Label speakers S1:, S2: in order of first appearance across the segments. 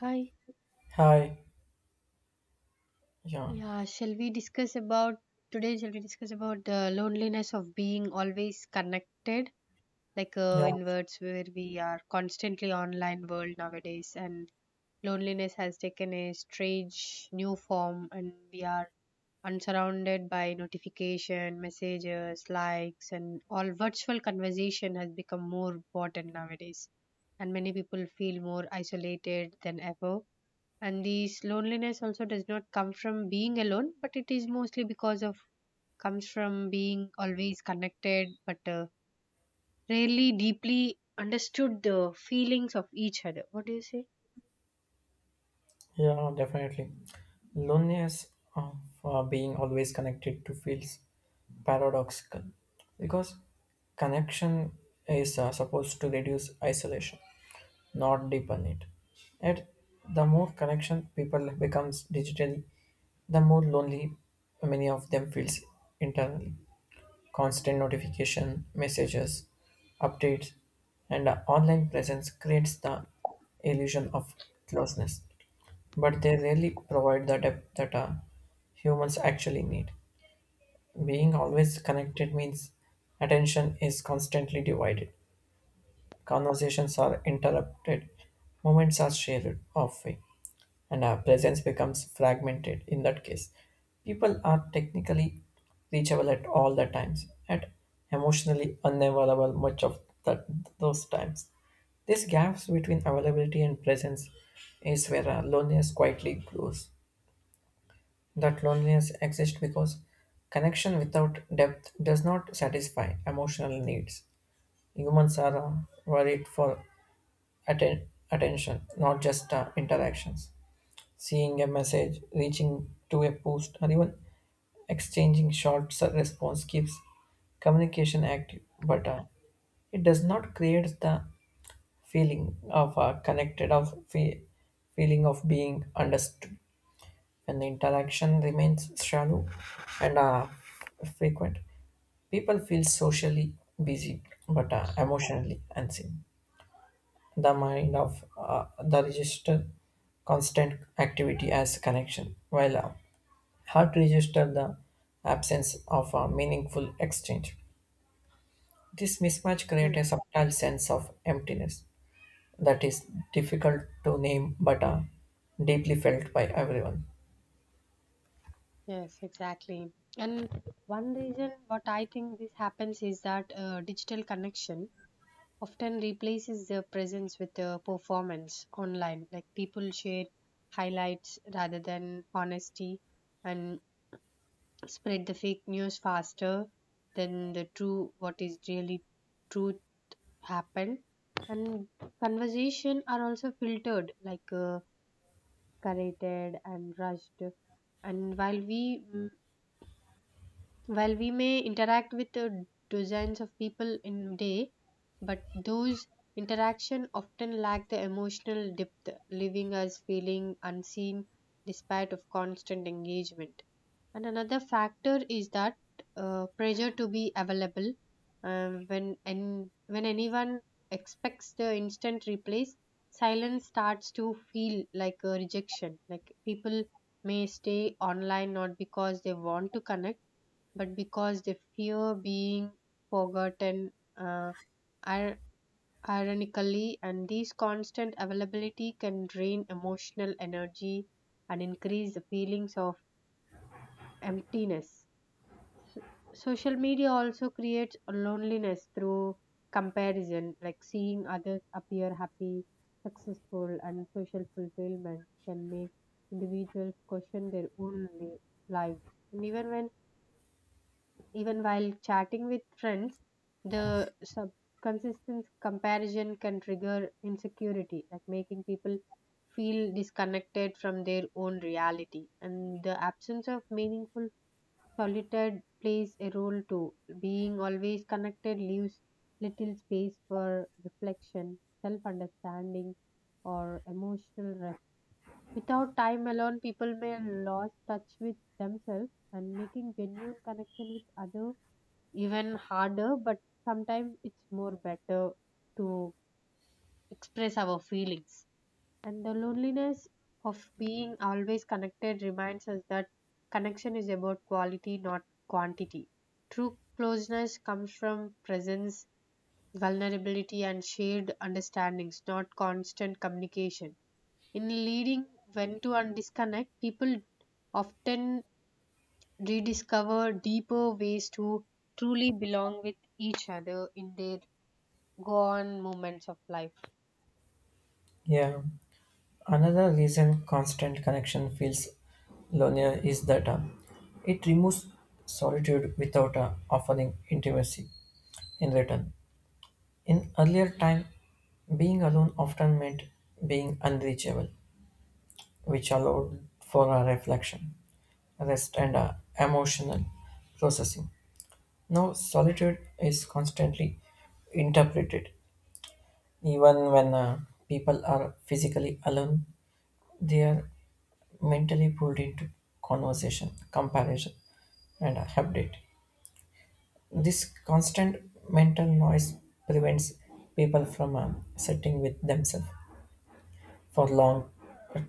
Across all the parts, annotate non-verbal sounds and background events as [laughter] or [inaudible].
S1: Hi.
S2: Hi. Yeah.
S1: Yeah, shall we discuss about today? Shall we discuss about the loneliness of being always connected, like
S2: Yeah.
S1: in words where we are constantly online world nowadays, and loneliness has taken a strange new form, and we are unsurrounded by notification, messages, likes, and all virtual conversation has become more important nowadays, and many people feel more isolated than ever and this loneliness also does not come from being alone but it is mostly because of comes from being always connected but rarely deeply understood the feelings of each other. What do you say?
S2: Yeah. Definitely. Loneliness of being always connected to feels paradoxical because connection is supposed to reduce isolation, not deepen it. Yet, the more connection people becomes digitally, the more lonely many of them feels internally. Constant notification, messages, updates, and a online presence creates the illusion of closeness, but they rarely provide the depth that humans actually need. Being always connected means attention is constantly divided. Conversations are interrupted, moments are shared off way and our presence becomes fragmented. In that case, people are technically reachable at all the times, at emotionally unavailable much of that, those times. These gaps between availability and presence is where our loneliness quietly grows. That loneliness exists because connection without depth does not satisfy emotional needs. Humans are worried for attention, not just interactions. Seeing a message, reaching to a post, or even exchanging response keeps communication active, but it does not create the feeling of connected, feeling of being understood. When the interaction remains shallow and frequent, people feel socially busy but emotionally unseen the mind of the register constant activity as connection, while heart register the absence of a meaningful exchange. This mismatch creates
S1: Mm,
S2: a subtle sense of emptiness that is difficult to name but deeply felt by everyone.
S1: yes, exactly. And one reason what I think this happens is that digital connection often replaces the presence with the performance online, like people share highlights rather than honesty, and spread the fake news faster than the true what is really truth happened. And conversation are also filtered, like curated and rushed. And while we while we may interact with dozens of people in day, but those interaction often lack the emotional depth, leaving us feeling unseen despite of constant engagement. And another factor is that pressure to be available when and when anyone expects the instant replies, silence starts to feel like a rejection. Like people may stay online not because they want to connect, but because they fear being forgotten. Uh, ir- Ironically, and this constant availability can drain emotional energy and increase the feelings of emptiness. Social media also creates a loneliness through comparison, like seeing others appear happy, successful and social fulfillment can make individuals question their own lives. And even when even while chatting with friends, the consistent comparison can trigger insecurity, like making people feel disconnected from their own reality, and the absence of meaningful solitude plays a role too. Being always connected leaves little space for reflection, self understanding, or emotional rest. Without time alone, people may lose touch with themselves, and making genuine connection with others even harder, but sometimes it's more better to express our feelings. And the loneliness of being always connected reminds us that connection is about quality, not quantity. True closeness comes from presence, vulnerability, and shared understandings, not constant communication. In leading when to undisconnect, people often rediscover deeper ways to truly belong with each other in their gone moments of life.
S2: Yeah, another reason constant connection feels lonelier is that it removes solitude without offering intimacy in return. In earlier time, being alone often meant being unreachable, which allowed for a reflection, rest, and a emotional processing. Now, solitude is constantly interpreted. Even when people are physically alone, they are mentally pulled into conversation, comparison, and a update. This constant mental noise prevents people from sitting with themselves for long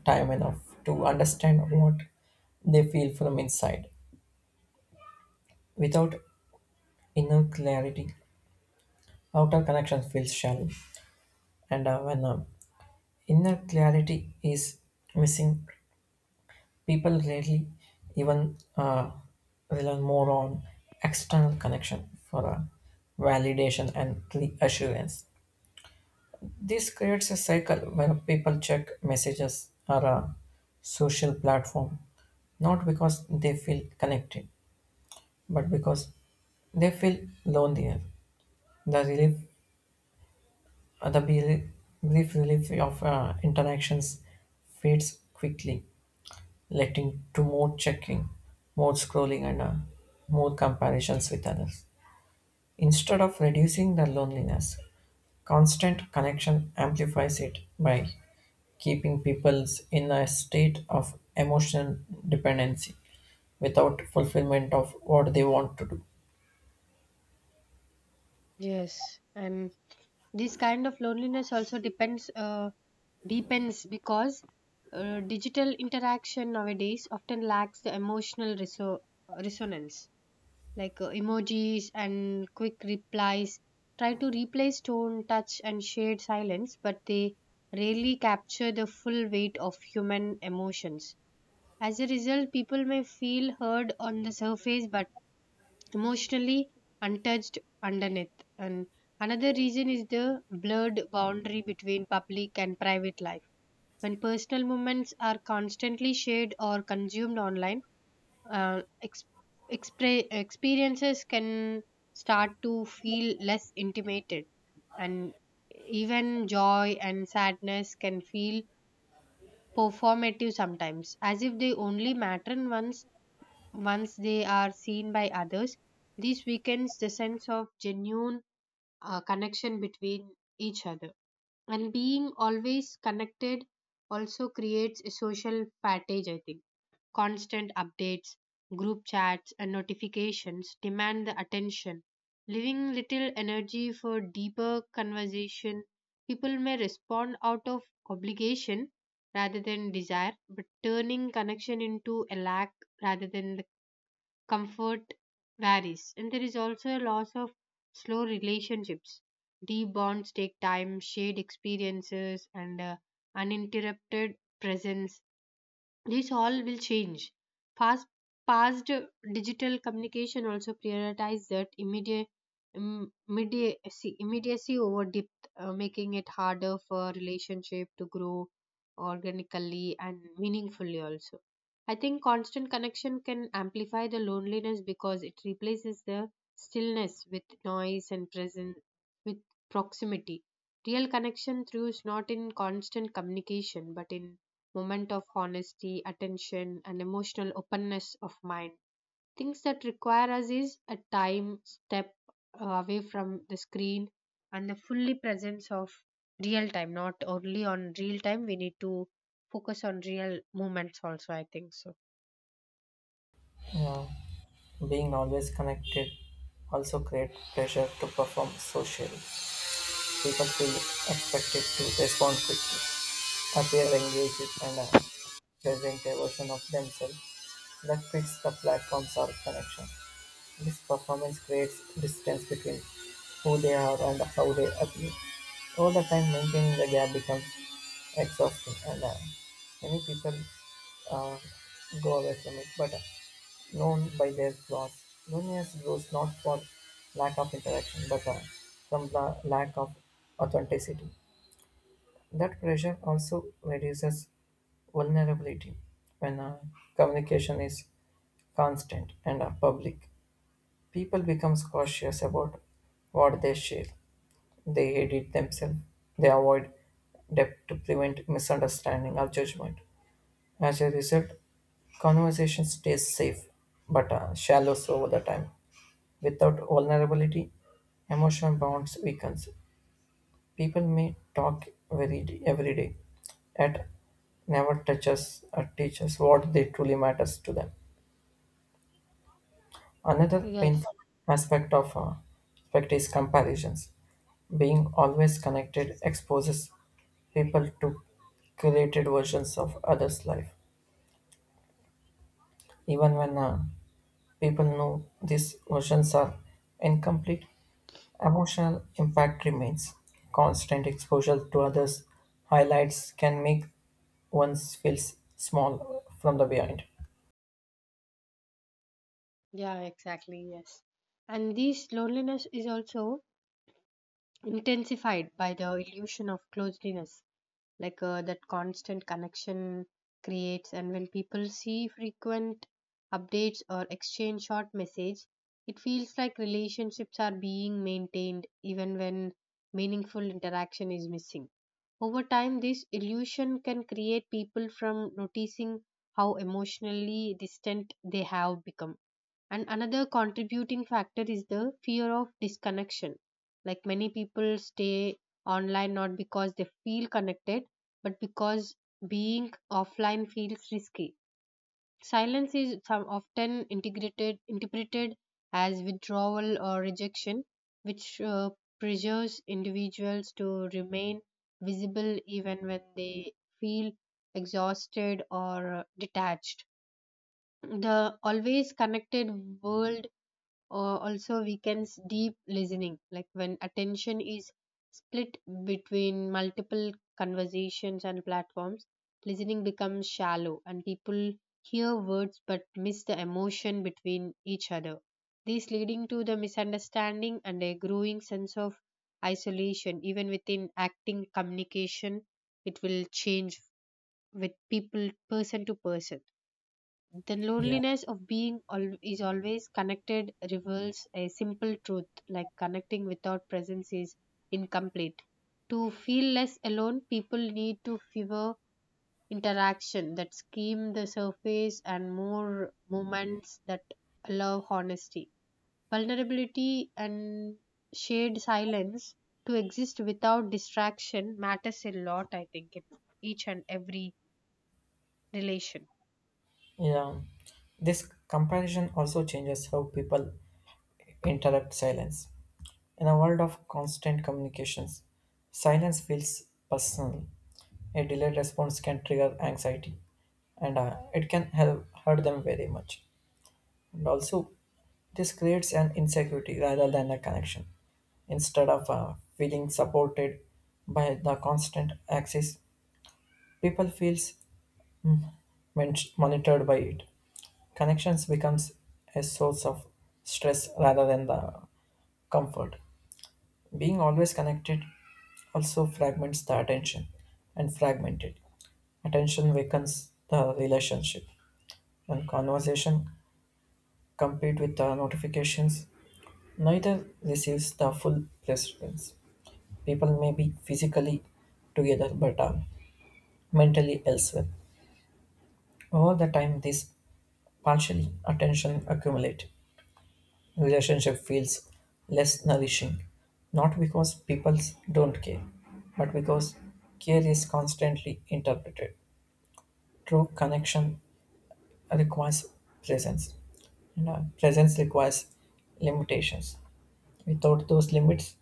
S2: time enough to understand what they feel from inside. Without inner clarity, outer connection feels shallow. And when inner clarity is missing, people rarely even rely more on external connection for validation and reassurance. This creates a cycle where people check messages or a social platform not because they feel connected but because they feel lonelier. The relief, the brief relief of interactions fades quickly, leading to more checking, more scrolling, and more comparisons with others. Instead of reducing the loneliness, constant connection amplifies it by keeping people in a state of emotional dependency without fulfillment of what they want to do.
S1: Yes, and this kind of loneliness also depends deepens because digital interaction nowadays often lacks the emotional resonance. Like emojis and quick replies try to replace tone, touch, and shared silence, but they rarely capture the full weight of human emotions. As a result, people may feel heard on the surface but emotionally untouched underneath. And another reason is the blurred boundary between public and private life. When personal moments are constantly shared or consumed online, uh, ex- experiences can start to feel less intimated, and even joy and sadness can feel performative sometimes, as if they only matter once once they are seen by others. This weakens the sense of genuine connection between each other. And being always connected also creates a social fatigue, I think. Constant updates, group chats, and notifications demand the attention, leaving little energy for deeper conversation. People may respond out of obligation rather than desire, but turning connection into a lack rather than comfort varies. And there is also a loss of slow relationships. Deep bonds take time, shared experiences, and uninterrupted presence, this all will change. Fast, past digital communication also prioritize that immediacy over depth, making it harder for relationship to grow organically and meaningfully also. I think constant connection can amplify the loneliness because it replaces the stillness with noise and presence with proximity. Real connection through is not in constant communication but in moment of honesty, attention, and emotional openness of mind. Things that require us is a time step away from the screen and the fully presence of real time, not only on real time, we need to focus on real moments also, I think so.
S2: Yeah. Being always connected also creates pressure to perform socially. People feel expected to respond quickly, appear engaged, and present a version of themselves that fits the platforms or connection. This performance creates distance between who they are and how they appear. Over the time, maintaining the gap becomes exhausting and many people uh, go away from it but known by their flaws loneliness grows not for lack of interaction but from the lack of authenticity that pressure also reduces vulnerability when communication is constant and public people becomes cautious about what they share. They edit themselves. They avoid depth to prevent misunderstanding or judgment. As a result, conversation stays safe but shallow so over the time. Without vulnerability, emotional bonds weakens. People may talk every day, yet never touches or teaches what they truly matters to them. Another painful
S1: Yes,
S2: aspect of uh, aspect is comparisons. Being always connected exposes people to curated versions of others' life. Even when people know these versions are incomplete, emotional impact remains. Constant exposure to others' highlights can make one feel small from the behind.
S1: yeah, exactly, yes. And this loneliness is also intensified by the illusion of closeness, like that constant connection creates, and when people see frequent updates or exchange short message, it feels like relationships are being maintained even when meaningful interaction is missing. Over time this illusion can create people from noticing how emotionally distant they have become. And another contributing factor is the fear of disconnection. Like many people stay online not because they feel connected, but because being offline feels risky. Silence is some often integrated, interpreted as withdrawal or rejection, which pressures individuals to remain visible even when they feel exhausted or detached. The always connected world or also we weakens deep listening, like when attention is split between multiple conversations and platforms, listening becomes shallow and people hear words but miss the emotion between each other. This leading to the misunderstanding and a growing sense of isolation even within acting communication. It will change with people person to person. The
S2: Yeah,
S1: loneliness of being al- is always connected reveals a simple truth, like connecting without presence is incomplete. To feel less alone, people need to fewer interaction that skim the surface and more moments that allow honesty. Vulnerability and shared silence to exist without distraction matters a lot, I think, in each and every relation.
S2: yeah. This comparison also changes how people interrupt silence. In a world of constant communications, silence feels personal. A delayed response can trigger anxiety and it can help hurt them very much. And also, this creates an insecurity rather than a connection. Instead of feeling supported by the constant access, people feels monitored by it. Connections becomes a source of stress rather than the comfort. Being always connected also fragments the attention and fragmented. Attention weakens the relationship. When conversation compete with the notifications, neither receives the full presence. People may be physically together but are mentally elsewhere. Over the time this partially attention accumulate. Relationship feels less nourishing, not because people don't care, but because care is constantly interpreted. True connection requires presence, and presence requires limitations. Without those limits,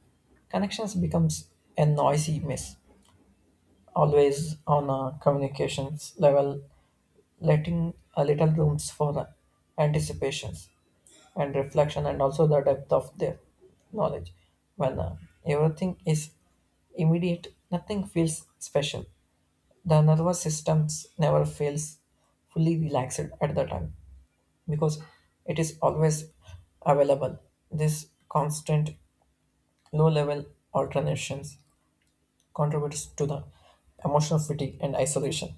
S2: connections becomes a noisy mess. Always on a communications level, letting a little rooms for anticipations and reflection and also the depth of their knowledge. When everything is immediate, nothing feels special. The nervous systems never feels fully relaxed at the time because it is always available. This constant low level alternations contributes to the emotional fatigue and isolation.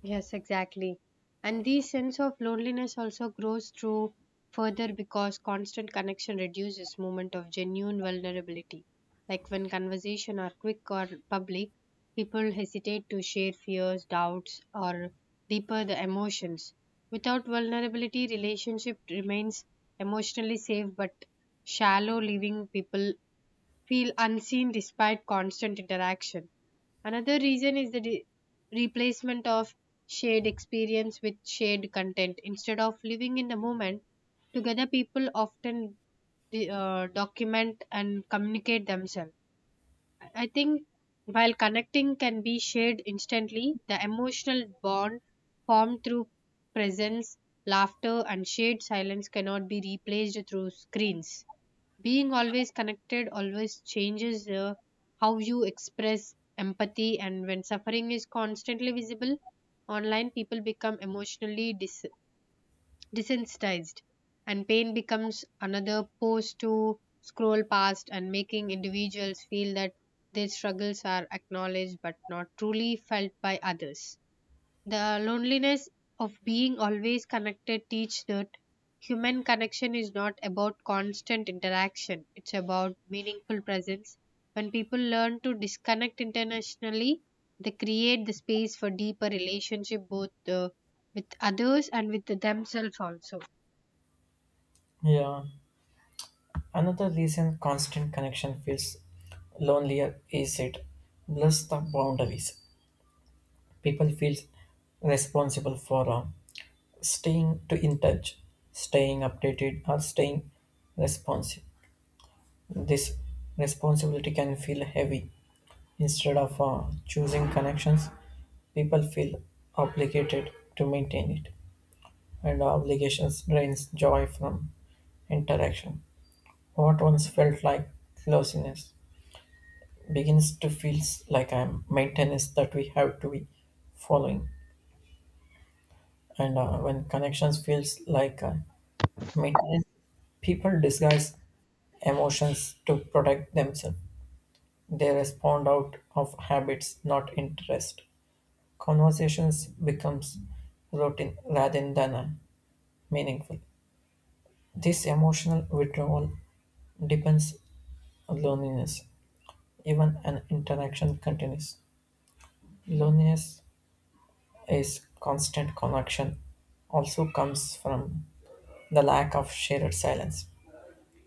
S1: Yes, exactly. And this sense of loneliness also grows through further because constant connection reduces moment of genuine vulnerability. Like when conversation are quick or public, people hesitate to share fears, doubts, or deeper the emotions. Without vulnerability, relationship remains emotionally safe but shallow, leaving people feel unseen despite constant interaction. Another reason is the replacement of shared experience with shared content. Instead of living in the moment, together people often document and communicate themselves. I think while connecting can be shared instantly, the emotional bond formed through presence, laughter, and shared silence cannot be replaced through screens. Being always connected always changes how you express empathy, and when suffering is constantly visible online, people become emotionally desensitized, and pain becomes another post to scroll past, and making individuals feel that their struggles are acknowledged but not truly felt by others. The loneliness of being always connected teach that human connection is not about constant interaction. It's about meaningful presence. When people learn to disconnect internationally, they create the space for deeper relationship both with others and with themselves also.
S2: Yeah. Another reason constant connection feels lonelier is it blurs the boundaries. People feel responsible for staying to in touch, staying updated or staying responsive. This responsibility can feel heavy. Instead of choosing connections, people feel obligated to maintain it, and obligations drains joy from interaction. What once felt like closeness begins to feel like a maintenance that we have to be following. And when connections feels like maintenance, people disguise emotions to protect themselves. They respond out of habits, not interest. Conversations becomes routine rather than meaningful. This emotional withdrawal depends on loneliness even an interaction continues. Loneliness is constant connection also comes from the lack of shared silence.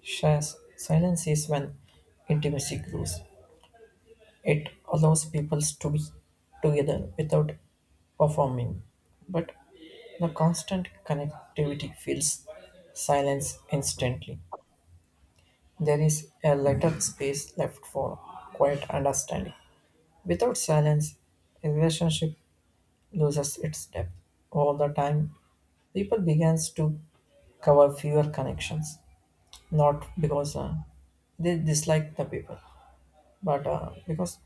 S2: Silence is when intimacy grows. It allows people to be together without performing. But the constant connectivity fills silence instantly. There is a little space left for quiet understanding. Without silence, a relationship loses its depth. All the time, people begins to cover fewer connections, not because they dislike the people, but because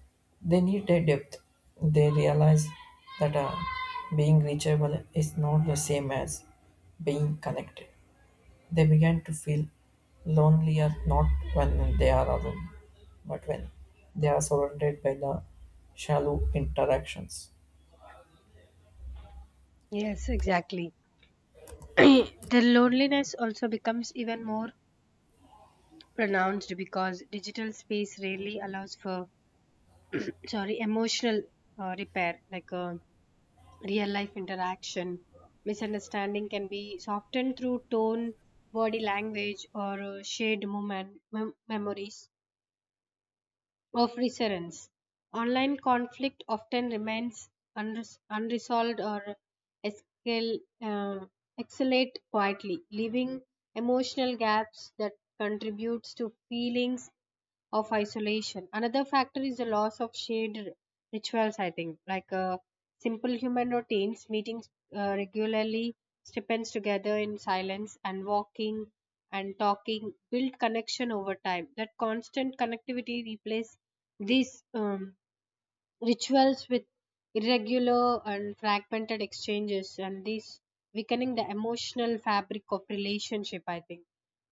S2: they need a depth. They realize that being reachable is not the same as being connected. They begin to feel lonelier not when they are alone but when they are surrounded by the shallow interactions.
S1: Yes, exactly. [clears throat] The loneliness also becomes even more pronounced because digital space rarely allows for [clears throat] sorry emotional repair like real life interaction. Misunderstanding can be softened through tone, body language, or shared moment, memories of recurrence. Online conflict often remains unresolved or escal- uh, escalate quietly, leaving emotional gaps that contributes to feelings of isolation. Another factor is the loss of shared rituals, I think, like simple human routines, meetings regularly, stipends together in silence, and walking and talking build connection over time. That constant connectivity replaces these rituals with irregular and fragmented exchanges, and these weakening the emotional fabric of relationship, I think.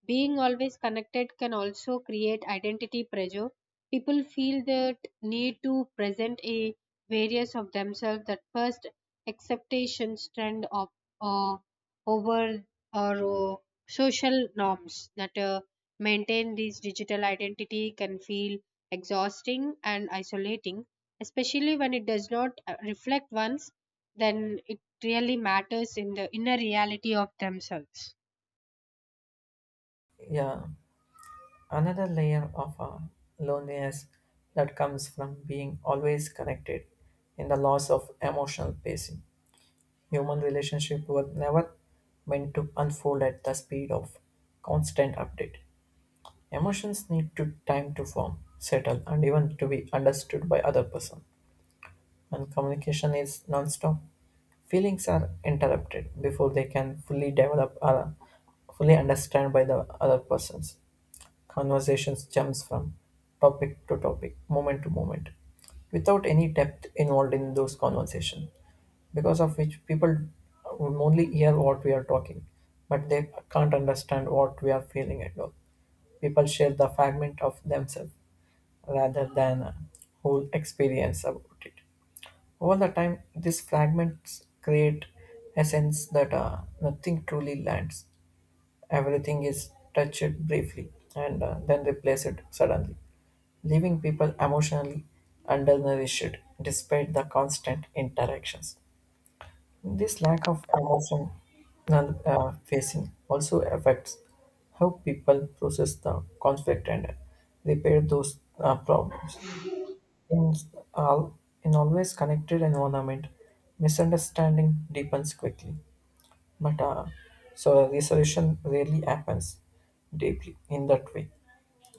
S1: Being always connected can also create identity pressure. People feel that need to present a various of themselves that first acceptations trend of uh, over or social norms that maintain these digital identity can feel exhausting and isolating, especially when it does not reflect one's, then it really matters in the inner reality of themselves.
S2: Yeah, another layer of loneliness that comes from being always connected in the loss of emotional pacing. Human relationships were never meant to unfold at the speed of constant update. Emotions need to time to form, settle, and even to be understood by other person. When communication is non-stop, feelings are interrupted before they can fully develop or fully understand by the other persons. Conversations jumps from topic to topic, moment to moment, without any depth involved in those conversations because of which people will only hear what we are talking, but they can't understand what we are feeling at all. People share the fragment of themselves rather than a whole experience about it. Over the time, these fragments create a sense that nothing truly lands. Everything is touched briefly and then replaced suddenly, leaving people emotionally undernourished despite the constant interactions. This lack of emotion and facing also affects how people process the conflict and repair those problems. In all, in always connected environment, misunderstanding deepens quickly, but so a resolution rarely happens deeply in that way.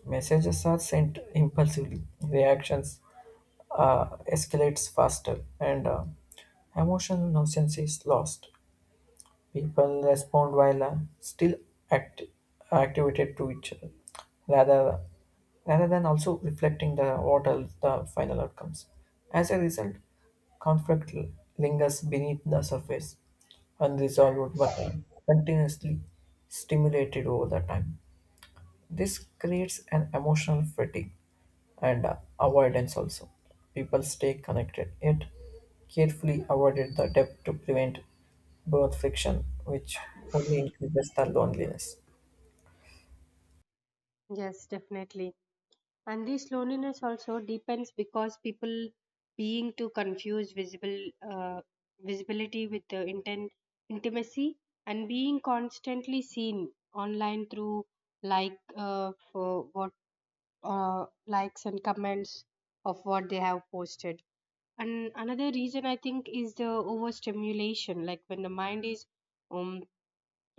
S2: Messages are sent impulsively, reactions escalates faster, and emotional nonsense is lost. People respond while still act- activated to each other, rather rather than also reflecting the what are the final outcomes. As a result, conflict lingers beneath the surface, unresolved but continuously stimulated over the time. This creates an emotional fatigue and avoidance also. People stay connected yet carefully avoided the depth to prevent birth friction, which only increases the loneliness.
S1: Yes, definitely. And this loneliness also depends because people being too confuse visible visibility with the intent intimacy and being constantly seen online through like for what likes and comments of what they have posted. And another reason I think is the overstimulation, like when the mind is um,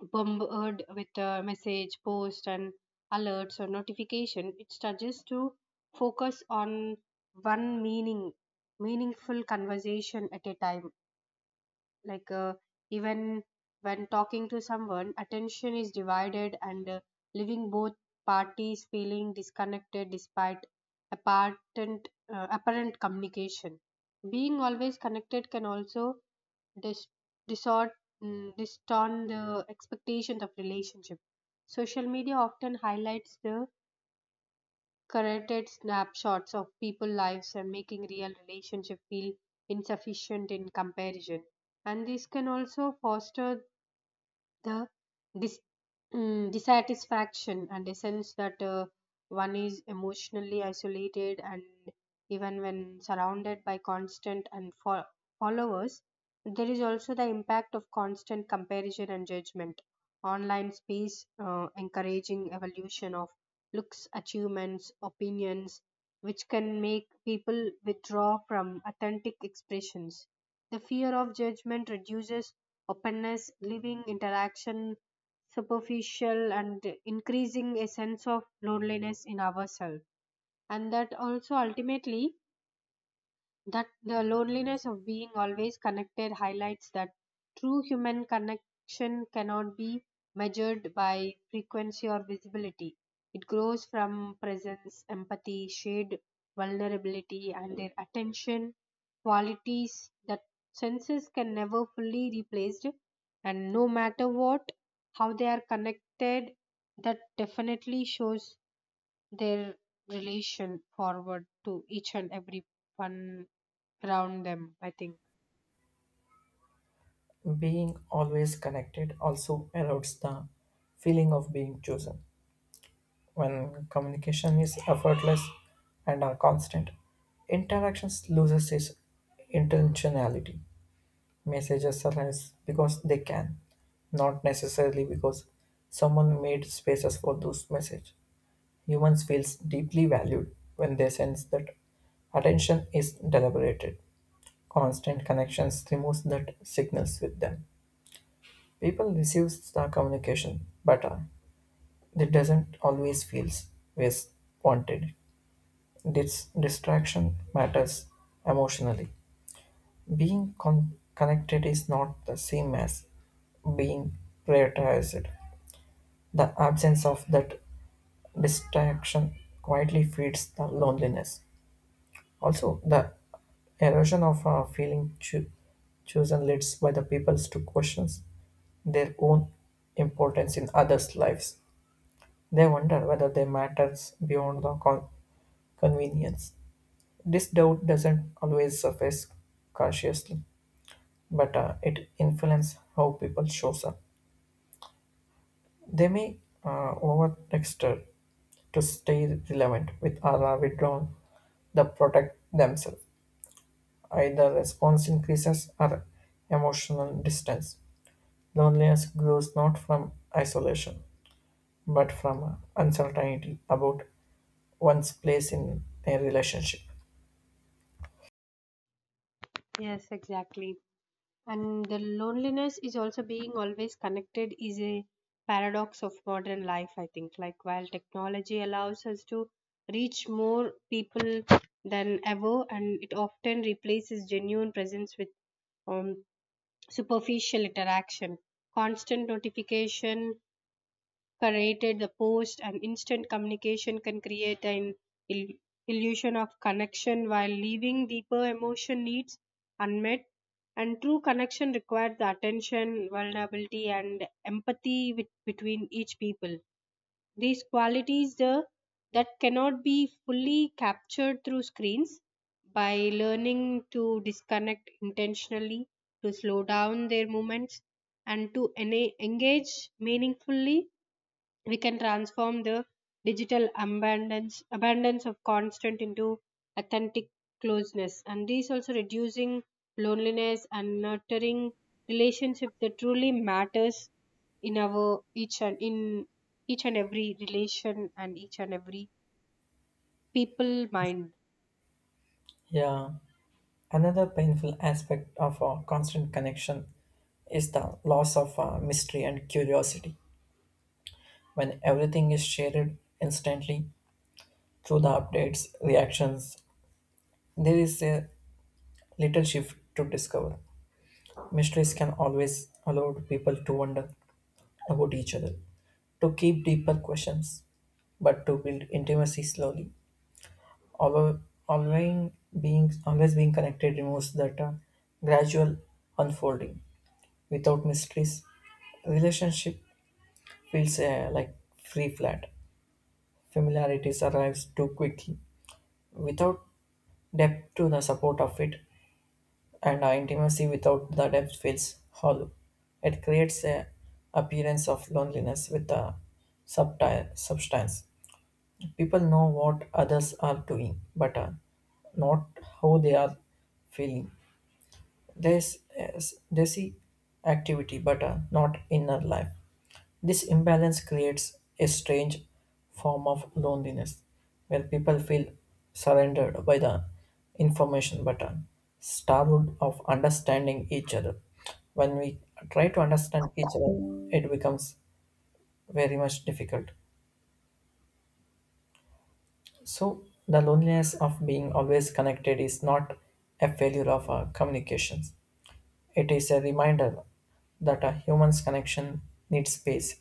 S1: bombarded with a message, post, and alerts or notification, it struggles to focus on one meaning, meaningful conversation at a time, like even when talking to someone attention is divided, and leaving both parties feeling disconnected despite apparent communication. Being always connected can also dis- distort mm, distort the expectations of relationship. Social media often highlights the curated snapshots of people's lives and making real relationship feel insufficient in comparison, and this can also foster the dis dissatisfaction and a sense that one is emotionally isolated and even when surrounded by constant and followers. There is also the impact of constant comparison and judgment. Online space encouraging evolution of looks, achievements, opinions, which can make people withdraw from authentic expressions. The fear of judgment reduces openness, leaving interaction superficial and increasing a sense of loneliness in ourselves. And that also ultimately that the loneliness of being always connected highlights that true human connection cannot be measured by frequency or visibility. It grows from presence, empathy, shared vulnerability, and their attention qualities that senses can never fully replace. And no matter what, how they are connected, that definitely shows their relation forward to each and every one around them, I think.
S2: Being always connected also allows the feeling of being chosen. When communication is effortless and are constant, interactions loses its intentionality. Messages arise because they can, not necessarily because someone made spaces for those messages. Humans feels deeply valued when they sense that attention is deliberated. Constant connections removes that signals with them. People receives the communication, but it doesn't always feels as wanted. This distraction matters emotionally. Being connected is not the same as being prioritized. The absence of that distraction quietly feeds the loneliness. Also, the erosion of feeling chosen leads by the peoples to questions their own importance in others' lives. They wonder whether they matters beyond the convenience. This doubt doesn't always surface consciously, but it influences how people shows up. They may over texture to stay relevant with or withdrawn the protect themselves. Either response increases or emotional distance. Loneliness grows not from isolation but from uncertainty about one's place in a relationship.
S1: Yes, exactly. And the loneliness is also being always connected is a paradox of modern life, I think, like while technology allows us to reach more people than ever, and it often replaces genuine presence with um, superficial interaction. Constant notification created the post and instant communication can create an il- illusion of connection while leaving deeper emotion needs unmet. And true connection requires the attention, vulnerability and empathy with, between each people. These qualities the, that cannot be fully captured through screens. By learning to disconnect intentionally, to slow down their movements and to engage meaningfully, we can transform the digital abundance of constant into authentic closeness, and these also reducing loneliness and nurturing relationship that truly matters in our each and in each and every relation and each and every people mind.
S2: Yeah, another painful aspect of a constant connection is the loss of mystery and curiosity. When everything is shared instantly through the updates, reactions, there is a little shift to discover. Mysteries can always allow people to wonder about each other, to keep deeper questions, but to build intimacy slowly. Although always being always being connected removes that gradual unfolding. Without mysteries, relationship feels like free flat. Familiarities arrives too quickly without depth to the support of it, and our intimacy without the depth feels hollow. It creates a appearance of loneliness with the substance. People know what others are doing, but not how they are feeling. There's activity, but not inner life. This imbalance creates a strange form of loneliness where people feel surrendered by the information but are starved of understanding each other. When we try to understand each other, it becomes very much difficult. So, the loneliness of being always connected is not a failure of our communications, it is a reminder that a human's connection needs space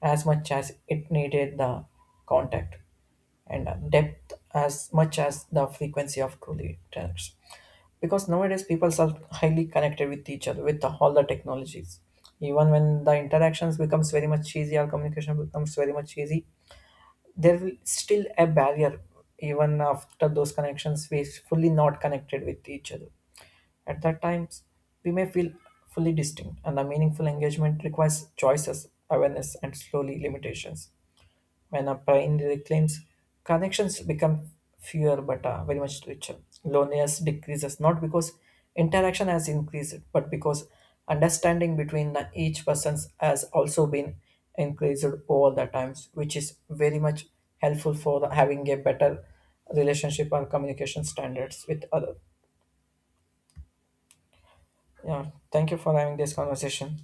S2: as much as it needed the contact and depth as much as the frequency of truly interacts. Because nowadays people are highly connected with each other with all the technologies. Even when the interactions becomes very much easy, our communication becomes very much easy, there will still a barrier even after those connections we fully not connected with each other at that times we may feel fully distinct and the meaningful engagement requires choices awareness and slowly limitations when a brain reclaims, connections become fewer but very much richer. Loneliness decreases not because interaction has increased, but because understanding between the each persons has also been increased over the times, which is very much helpful for the, having a better relationship and communication standards with other. Yeah, thank you for having this conversation.